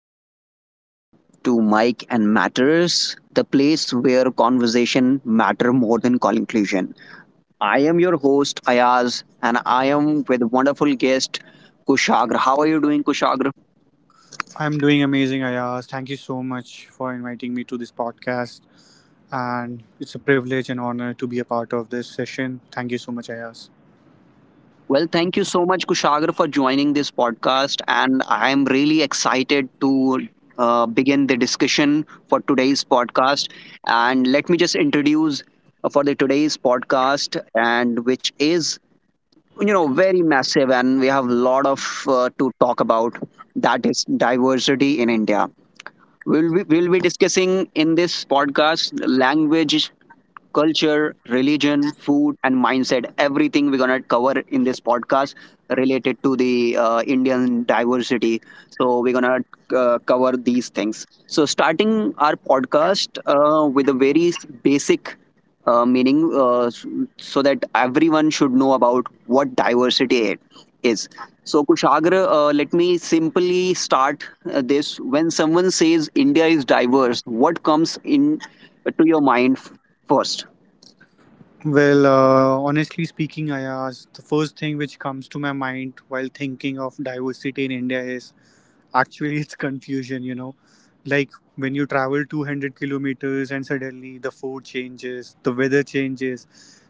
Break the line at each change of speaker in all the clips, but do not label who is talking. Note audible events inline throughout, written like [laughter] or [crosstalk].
everyone? Welcome back to Mike and Matters, the place where conversation matter more than conclusion. I am your host Ayaz, and I am with wonderful guest Kushagra. How are you doing, Kushagra?
I'm doing amazing, Ayaz. Thank you so much for inviting me to this podcast. And it's a privilege and honor to be a part of this session. Thank you so much, Ayaz.
Well, thank you so much, Kushagra, for joining this podcast, and I am really excited to begin the discussion for today's podcast. And let me just introduce for the today's podcast, and which is very massive and we have a lot of to talk about, that is diversity in India. We'll be discussing in this podcast language, culture, religion, food, and mindset. Everything we're gonna cover in this podcast related to the Indian diversity. So we're gonna cover these things. So starting our podcast with a very basic meaning, so that everyone should know about what diversity it is. So Kushagra, let me simply start this. When someone says India is diverse, what comes in to your mind first?
Well, honestly speaking, Ayaz, the first thing which comes to my mind while thinking of diversity in India is actually [laughs] it's confusion. Like when you travel 200 kilometers and suddenly the food changes, the weather changes,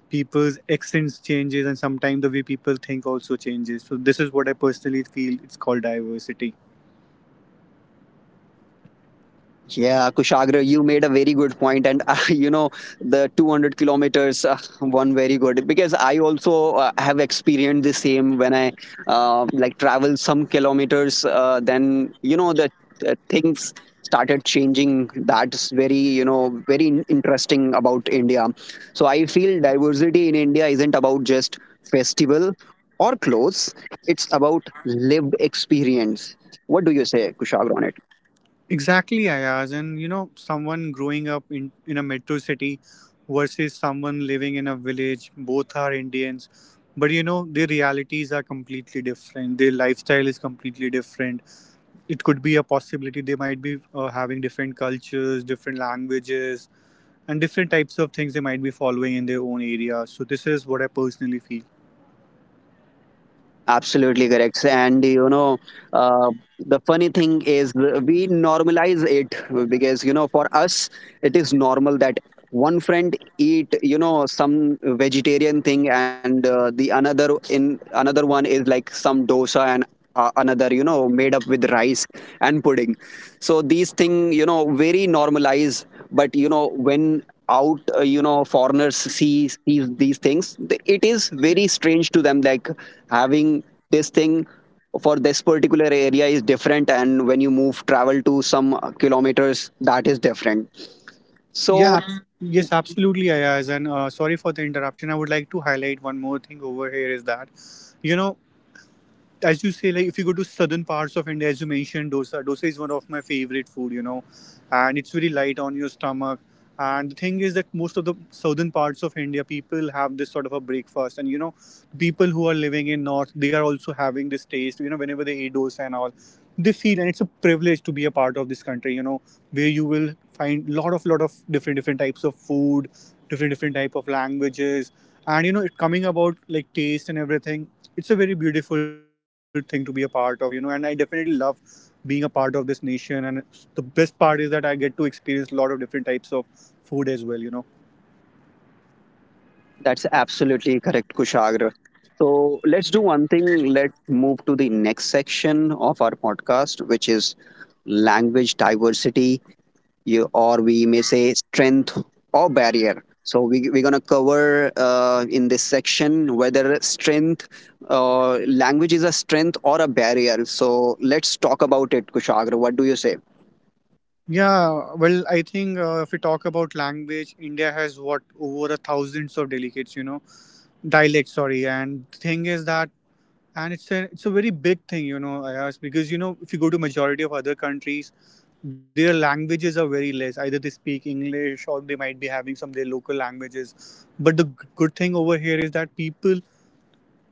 people's accents changes, and sometimes the way people think also changes. So this is what I personally feel it's called diversity.
Yeah, Kushagra, you made a very good point, and [laughs] you know the 200 kilometers one very good because I also have experienced the same when I like travel some kilometers. Then you know the things started changing. That's very you know very interesting about India. So I feel diversity in India isn't about just festival or clothes. It's about lived experience. What do you say, Kushagra, on it?
Exactly, Ayaz. And someone growing up in a metro city versus someone living in a village, both are Indians. But their realities are completely different. Their lifestyle is completely different. It could be a possibility they might be having different cultures, different languages, and different types of things they might be following in their own area. So, this is what I personally feel.
Absolutely correct. And you know, uh, the funny thing is, we normalize it because you know, for us, it is normal that one friend eat you know some vegetarian thing, and the another in another one is like some dosa and. Another you know made up with rice and pudding, so these thing you know very normalized, but you know when out you know foreigners see these things it is very strange to them, like having this thing for this particular area is different, and when you move travel to some kilometers that is different,
Yeah,
so
yes, absolutely, Ayaz. And sorry for the interruption. I would like to highlight one more thing over here is that you know as you say, like if you go to southern parts of India, as you mentioned, dosa. Dosa is one of my favorite food, and it's very light on your stomach. And the thing is that most of the southern parts of India, people have this sort of a breakfast, and people who are living in north, they are also having this taste. Whenever they eat dosa and all, they feel, and it's a privilege to be a part of this country. Where you will find lot of different different types of food, different different type of languages, and it coming about like taste and everything, it's a very beautiful thing to be a part of, and I definitely love being a part of this nation. And the best part is that I get to experience a lot of different types of food as well.
that's absolutely correct, Kushagra. So let's do one thing, let's move to the next section of our podcast which is language diversity, you, or we may say strength or barrier. So we, we're going to cover in this section whether strength, language is a strength or a barrier. So let's talk about it, Kushagra. What do you say?
Yeah, well, I think if we talk about language, India has what, over a thousands of delegates, dialects, sorry. And thing is that, and it's a very big thing, Ayaz, because if you go to majority of other countries, their languages are very less. Either they speak English or they might be having some of their local languages. But the good thing over here is that people,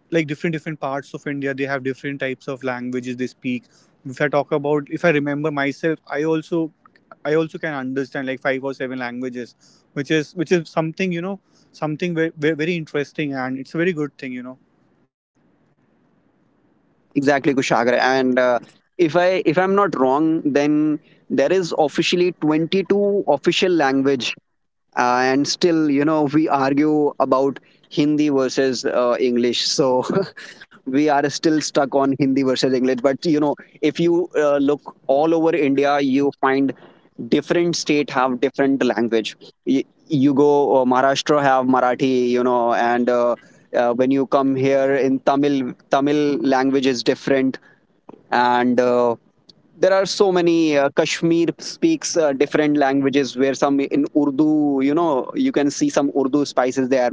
like different different parts of India, they have different types of languages they speak. If I talk about, if I remember myself, I also can understand like five or seven languages, which is something you know something very very interesting, and it's a very good thing.
Exactly, Kushagra. And if I'm not wrong, then there is officially 22 official language, and still you know we argue about Hindi versus English, so [laughs] we are still stuck on Hindi versus English. But you know, if you look all over India, you find different state have different language. you, you go Maharashtra have Marathi, you know, and when you come here in Tamil, Tamil language is different. And there are so many Kashmir speaks different languages, where some in Urdu, you know, you can see some Urdu spices there.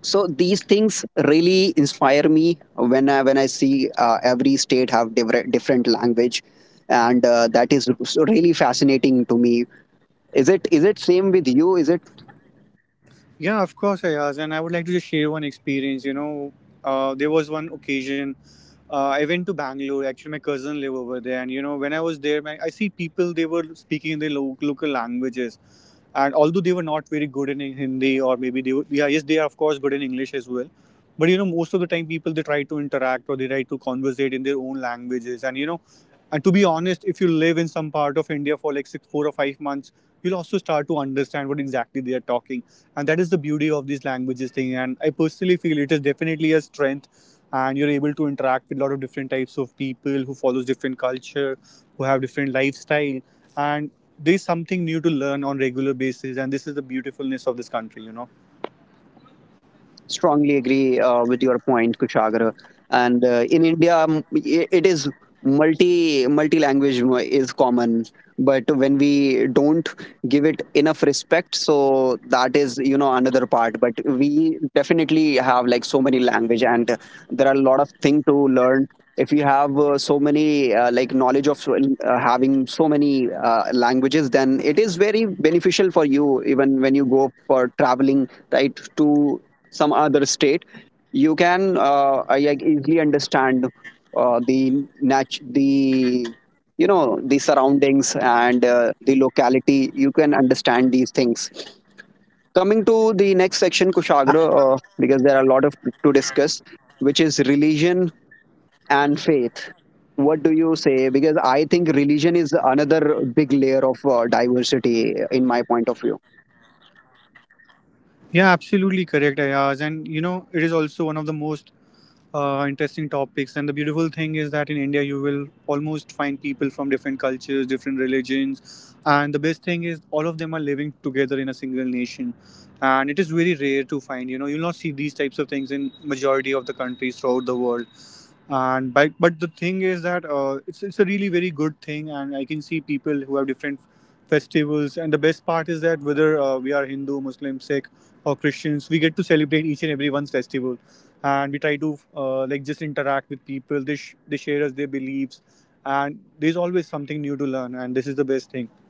So these things really inspire me when I see every state have different different language. And that is really fascinating to me. Is it same with you, is it?
Yeah, of course, Ayaz. And I would like to just share one experience. There was one occasion. I went to Bangalore. Actually, my cousin live over there, and when I was there, I see people. They were speaking in their local languages, and although they were not very good in Hindi or maybe they were, yes they are of course good in English as well. But most of the time, people they try to interact or they try to conversate in their own languages, and you know and to be honest, if you live in some part of India for like 6, 4, or 5 months, you'll also start to understand what exactly they are talking. And that is the beauty of these languages thing, and I personally feel it is definitely a strength, and you're able to interact with a lot of different types of people who follows different cultures, who have different lifestyle. And there's something new to learn on regular basis, and this is the beautifulness of this country.
Strongly agree with your point, Kushagra. And in India, it is multi language is common, but when we don't give it enough respect, so that is you know another part. But we definitely have like so many language, and there are a lot of thing to learn. If you have so many like knowledge of having so many languages, then it is very beneficial for you even when you go for traveling, right, to some other state, you can like, easily understand the the you know the surroundings and the locality. You can understand these things. Coming to the next section, Kushagra, because there are a lot of to discuss, which is religion and faith. What do you say? Because I think religion is another big layer of diversity, in my point of view.
Yeah, absolutely correct, Ayaz. And it is also one of the most interesting topics. And the beautiful thing is that in India, you will almost find people from different cultures, different religions. And the best thing is, all of them are living together in a single nation, and it is very rare to find. You'll not see these types of things in majority of the countries throughout the world. But the thing is that it's a really very good thing, and I can see people who have different festivals. And the best part is that whether we are Hindu, Muslim, Sikh, or Christians, we get to celebrate each and everyone's festival. And we try to like just interact with people. They share us their beliefs, and there's always something new to learn, and this is the best thing.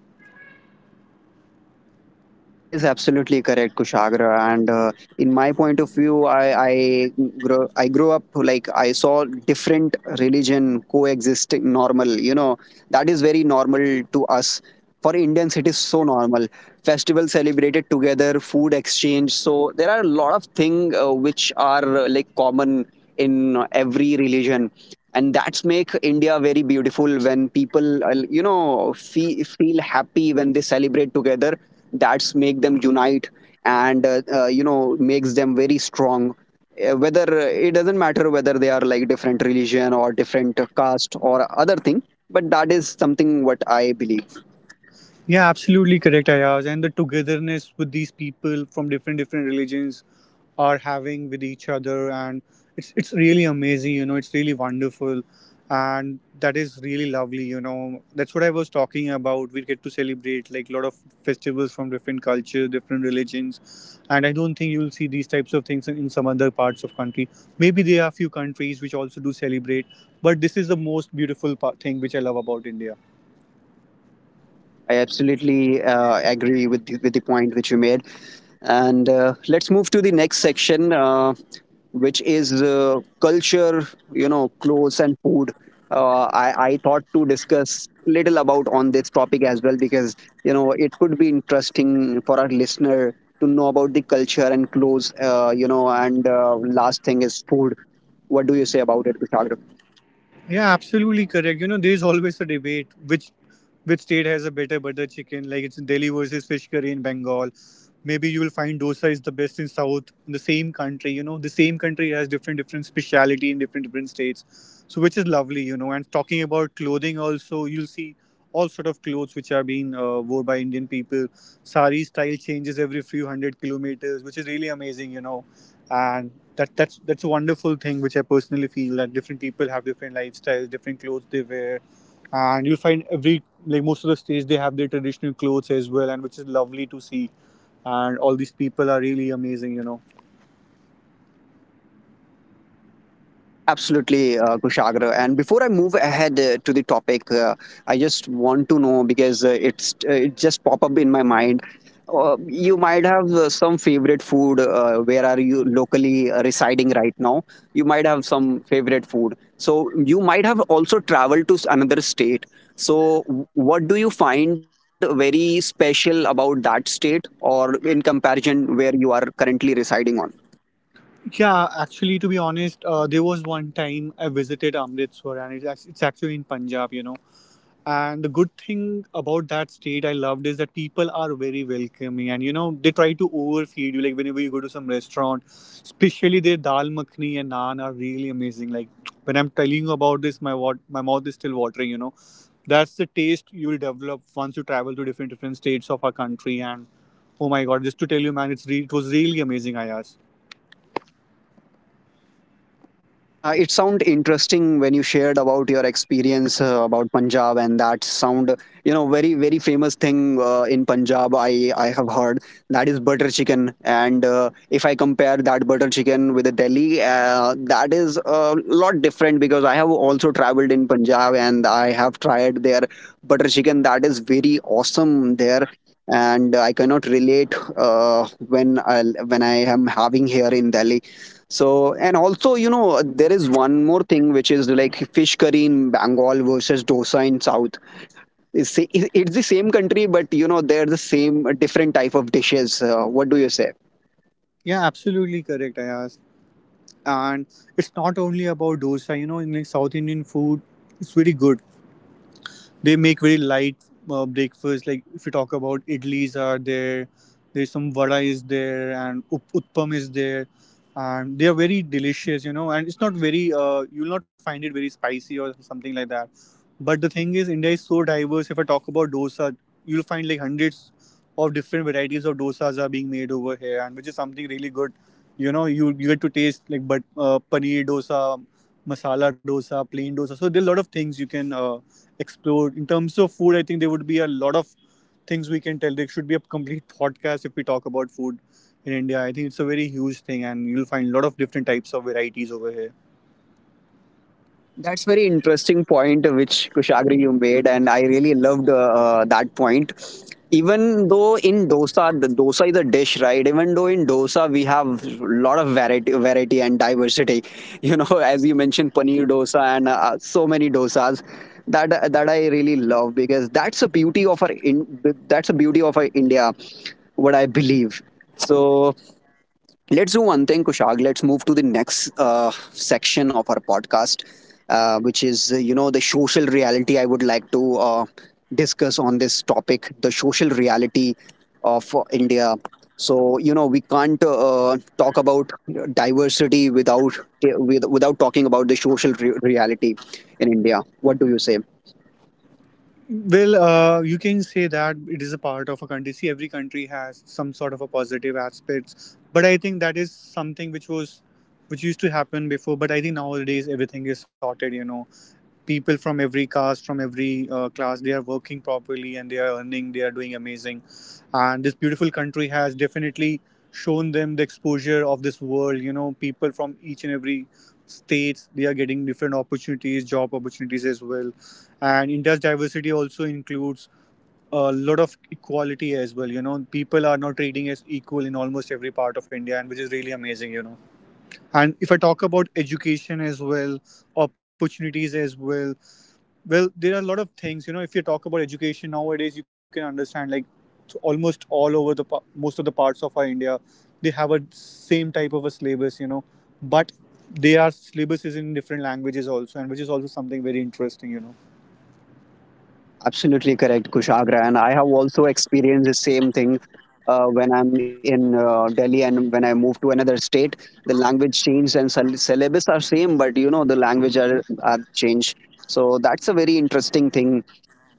That is absolutely correct, Kushagra. And in my point of view, I grew up like I saw different religion coexisting normal. You know that is very normal to us. For Indians, it is so normal. Festival celebrated together, food exchange. So there are a lot of things which are like common in every religion. And that's make India very beautiful when people, you know, feel happy when they celebrate together, that's make them unite, and you know makes them very strong. Whether it doesn't matter whether they are like different religion or different caste or other thing, but that is something what I believe.
Yeah, absolutely correct, Ayaz. And the togetherness with these people from different different religions are having with each other, and it's really amazing. It's really wonderful. And that is really lovely. That's what I was talking about. We get to celebrate like a lot of festivals from different cultures, different religions. And I don't think you'll see these types of things in some other parts of country. Maybe there are few countries which also do celebrate, but this is the most beautiful thing which I love about India.
I absolutely agree with the point which you made. And let's move to the next section, which is culture, you know, clothes and food. I thought to discuss little about on this topic as well because you know it could be interesting for our listener to know about the culture and clothes. You know, and last thing is food. What do you say about it, Vishal?
Yeah, absolutely correct. There's always a debate which state has a better butter chicken. Like, it's Delhi versus fish curry in Bengal. Maybe you will find dosa is the best in south. In the same country. The same country has different different speciality in different different states, so which is lovely. And talking about clothing also, you'll see all sort of clothes which are being worn by Indian people. Sari style changes every few hundred kilometers, which is really amazing. And that's a wonderful thing which I personally feel that different people have different lifestyles, different clothes they wear. And you'll find every, like most of the states, they have their traditional clothes as well, and which is lovely to see. And all these people are really amazing.
Absolutely, Kushagra. And before I move ahead to the topic, I just want to know because it's it just pop up in my mind. You might have some favorite food. Where are you locally residing right now? You might have some favorite food. So you might have also traveled to another state. So what do you find very special about that state, or in comparison where you are currently residing on?
Yeah, actually, to be honest, there was one time I visited Amritsar, and it's actually in Punjab. And the good thing about that state I loved is that people are very welcoming, and they try to overfeed you, like whenever you go to some restaurant, especially their dal makhni and naan are really amazing. Like, when I'm telling you about this, my mouth is still watering. That's the taste you will develop once you travel to different different states of our country. And oh my god, just to tell you, man, it was really amazing, Ayaz.
Yeah, it sound interesting when you shared about your experience about Punjab, and that sound, you know, very very famous thing in Punjab. I have heard that is butter chicken, and if I compare that butter chicken with the Delhi, that is a lot different because I have also traveled in Punjab and I have tried their butter chicken. That is very awesome there. And I cannot relate when I when I am having here in Delhi. So, and also, you know, there is one more thing which is like fish curry in Bengal versus dosa in South. It's the same country, but you know, they're the same, different type of dishes. What do you say?
Yeah, absolutely correct, Ayaz. And it's not only about dosa. In like South Indian food, it's very good. They make very light breakfast, like if you talk about, idlis are there. There's some vada is there, and utpam is there, and they are very delicious, and it's not very, you'll not find it very spicy or something like that. But the thing is, India is so diverse. If I talk about dosa, you'll find like hundreds of different varieties of dosas are being made over here, and which is something really good. You get to taste like but paneer dosa, masala dosa, plain dosa. So there are a lot of things you can explore in terms of food. I think there would be a lot of things we can tell. There should be a complete podcast if we talk about food in India. I think it's a very huge thing, and you'll find a lot of different types of varieties over here.
That's very interesting point which Kushagri you made, and I really loved that point. Even though in dosa, the dosa is a dish, right? Even though in dosa we have a lot of variety, variety and diversity. You know, [laughs] as you mentioned, paneer dosa and so many dosas. That that I really love because that's the beauty of our that's the beauty of our India, what I believe. So let's do one thing, Kushag. Let's move to the next section of our podcast, which is, you know, the social reality. I would like to discuss on this topic the social reality of India. So, you know, we can't talk about diversity without, without talking about the social reality in India. What do you say?
Well, you can say that it is a part of a country. See, every country has some sort of a positive aspects, but I think that is something which used to happen before. But I think nowadays everything is sorted. People from every caste, from every class, they are working properly, and they are earning. They are doing amazing, and this beautiful country has definitely shown them the exposure of this world. You know, people from each and every states, they are getting different opportunities, job opportunities as well. And India's diversity also includes a lot of equality as well. You know, people are not treating as equal in almost every part of India, and which is really amazing, you know. And if I talk about education as well, opportunities as well, well, there are a lot of things, if you talk about education nowadays, you can understand like t- almost all over the pa- most of the parts of our India, they have a same type of a syllabus, you know, but they are syllabuses in different languages also, and which is also something very interesting, you know.
Absolutely correct, Kushagra. And I have also experienced the same thing when I'm in Delhi and when I move to another state. The language changed and syllabus are same, but you know the language are changed. So that's a very interesting thing.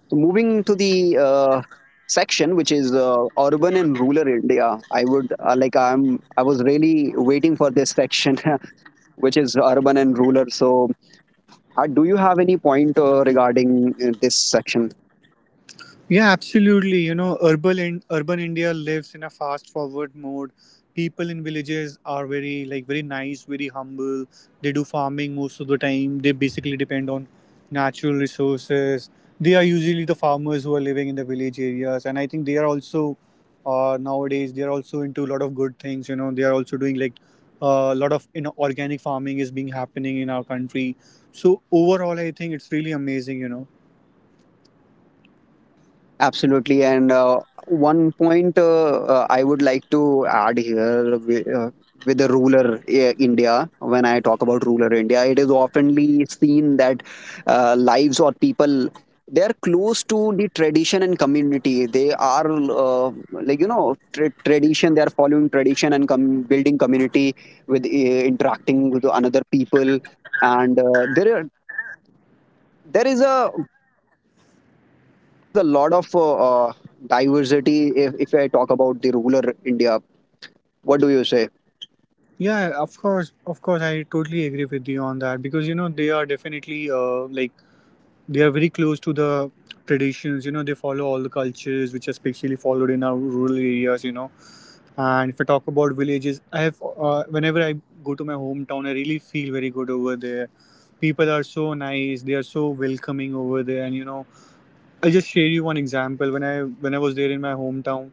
So moving to the section which is urban and rural India, I would like I was really waiting for this section [laughs] which is urban and rural. So do you have any point regarding this section?
Yeah, absolutely. You know, urban India lives in a fast forward mode. People in villages are very like very nice, very humble. They do farming most of the time. They basically depend on natural resources. They are usually the farmers who are living in the village areas, and I think they are also nowadays they are also into a lot of good things. You know, they are also doing like a lot of, organic farming is being happening in our country. So overall, I think it's really amazing, you know.
Absolutely. And one point I would like to add here with the ruler India, when I talk about ruler India, it is oftenly seen that lives or people, they are close to the tradition and community. They are like you know tradition, they are following tradition and building community with interacting with other people. And there is a there is a lot of uh, diversity if I talk about the rural India. What do you say?
Yeah, of course, I totally agree with you on that, because you know they are definitely like they are very close to the traditions. You know, they follow all the cultures which are especially followed in our rural areas. You know, and if I talk about villages, I have whenever I go to my hometown, I really feel very good over there. People are so nice; they are so welcoming over there, and you know, I'll just share you one example. When I was there in my hometown,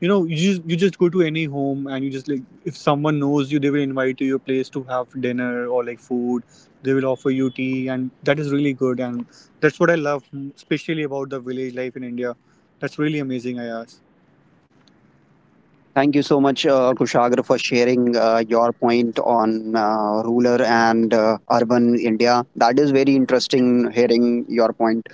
you know, you just go to any home and you just like, if someone knows you, they will invite you to your place to have dinner or like food. They will offer you tea, and that is really good. And that's what I love, especially about the village life in India. That's really amazing. I ask.
Thank you so much, Kushagra, for sharing your point on rural and urban India. That is very interesting hearing your point.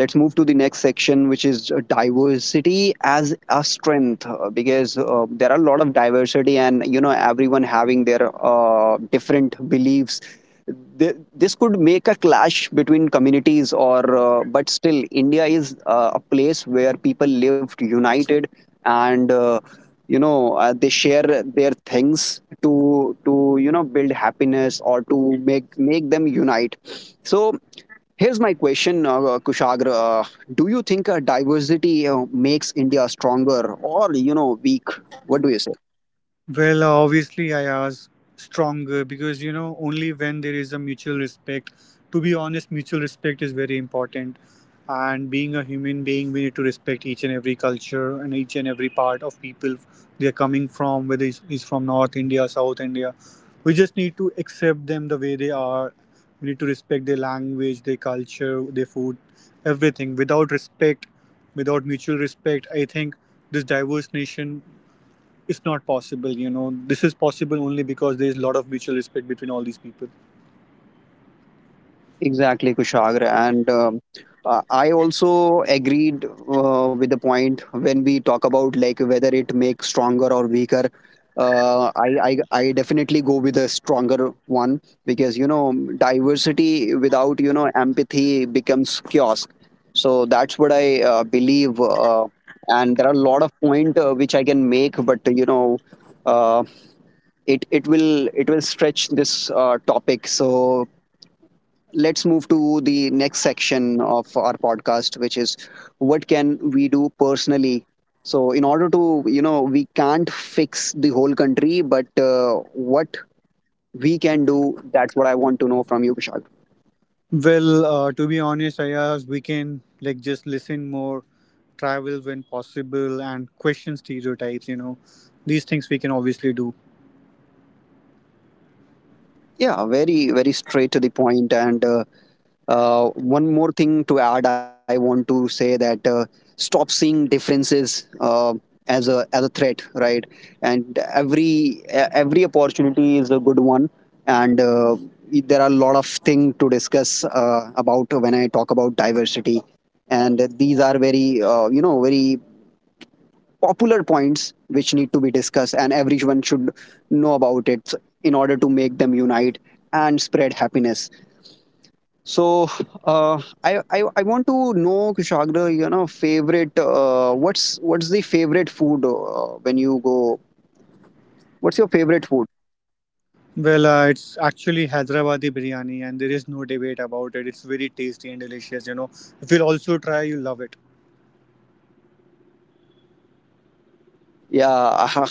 Let's move to the next section, which is diversity as a strength, because there are a lot of diversity and you know everyone having their different beliefs. This could make a clash between communities or but still India is a place where people lived united, and you know they share their things to you know build happiness or to make make them unite. So here's my question, Kushagra. Do you think diversity makes India stronger or, you know, weak? What do you say?
Well, obviously, I ask stronger, because you know only when there is a mutual respect. To be honest, mutual respect is very important, and being a human being, we need to respect each and every culture and each and every part of people they are coming from, whether it's from North India, South India. We just need to accept them the way they are. We need to respect their language, their culture, their food, everything. Without respect, without mutual respect, I think this diverse nation, it's not possible. You know, this is possible only because there is a lot of mutual respect between all these people.
Exactly, Kushagra. And I also agreed with the point when we talk about like whether it makes stronger or weaker. I definitely go with a stronger one because you know diversity without you know empathy becomes chaos. So that's what I believe. And there are a lot of point which I can make, but you know, uh, it will stretch this topic. So let's move to the next section of our podcast, which is what can we do personally. So in order to you know we can't fix the whole country, but what we can do, that's what I want to know from you, Vishal.
Well, to be honest, Ayaz, we can like just listen more, travel when possible, and question stereotypes, you know. These things we can obviously do.
Yeah, very, very straight to the point. And one more thing to add, I want to say that stop seeing differences as a threat, right? And every every opportunity is a good one, and there are a lot of things to discuss about when I talk about diversity. And these are very, you know, very popular points which need to be discussed and everyone should know about it in order to make them unite and spread happiness. So I want to know, Kushagra, you know favorite what's the favorite food when you go, what's your favorite food?
Well, it's actually Hyderabadi biryani, and there is no debate about it. It's very tasty and delicious, you know. If you'll also try, you'll love it.
Yeah, [laughs]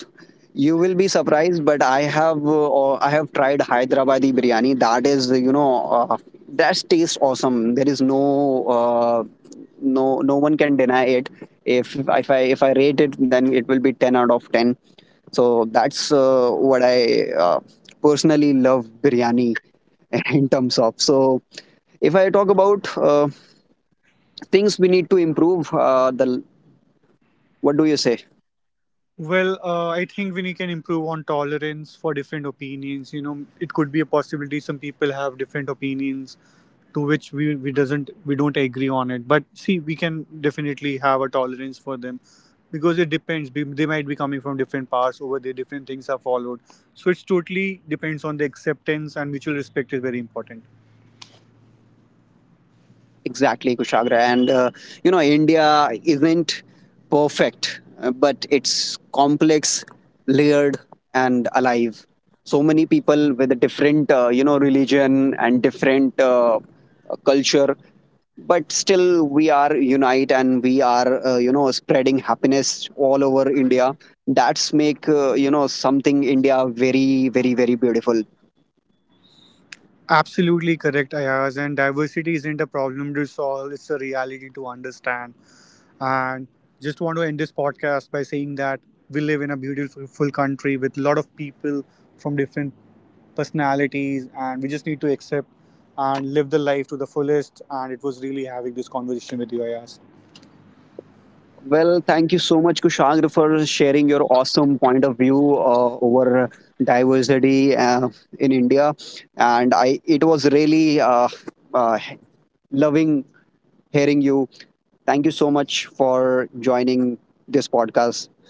you will be surprised, but I have tried Hyderabadi biryani. That is, you know, that tastes awesome. There is no no no one can deny it. If I rate it, then it will be 10 out of 10. So that's what I personally love biryani [laughs] in terms of. So if I talk about things we need to improve, the what do you say?
Well, I think we can improve on tolerance for different opinions, you know. It could be a possibility some people have different opinions to which we don't agree on it, but see, we can definitely have a tolerance for them, because it depends. They might be coming from different paths. Over there different things are followed, so it's totally depends on the acceptance, and mutual respect is very important.
Exactly, Kushagra. And, you know, India isn't perfect, but it's complex, layered, and alive. So many people with a different, you know, religion and different culture, but still we are unite and we are, you know, spreading happiness all over India. That's make, you know, something India very, very, very beautiful.
Absolutely correct, Ayaz. And diversity isn't a problem to solve, it's a reality to understand. And just want to end this podcast by saying that we live in a beautiful full country with a lot of people from different personalities, and we just need to accept and live the life to the fullest. And it was really having this conversation with you, Ayaz.
Well, thank you so much, Kushag, for sharing your awesome point of view over diversity in India. And I, it was really uh, loving hearing you. Thank you so much for joining this podcast.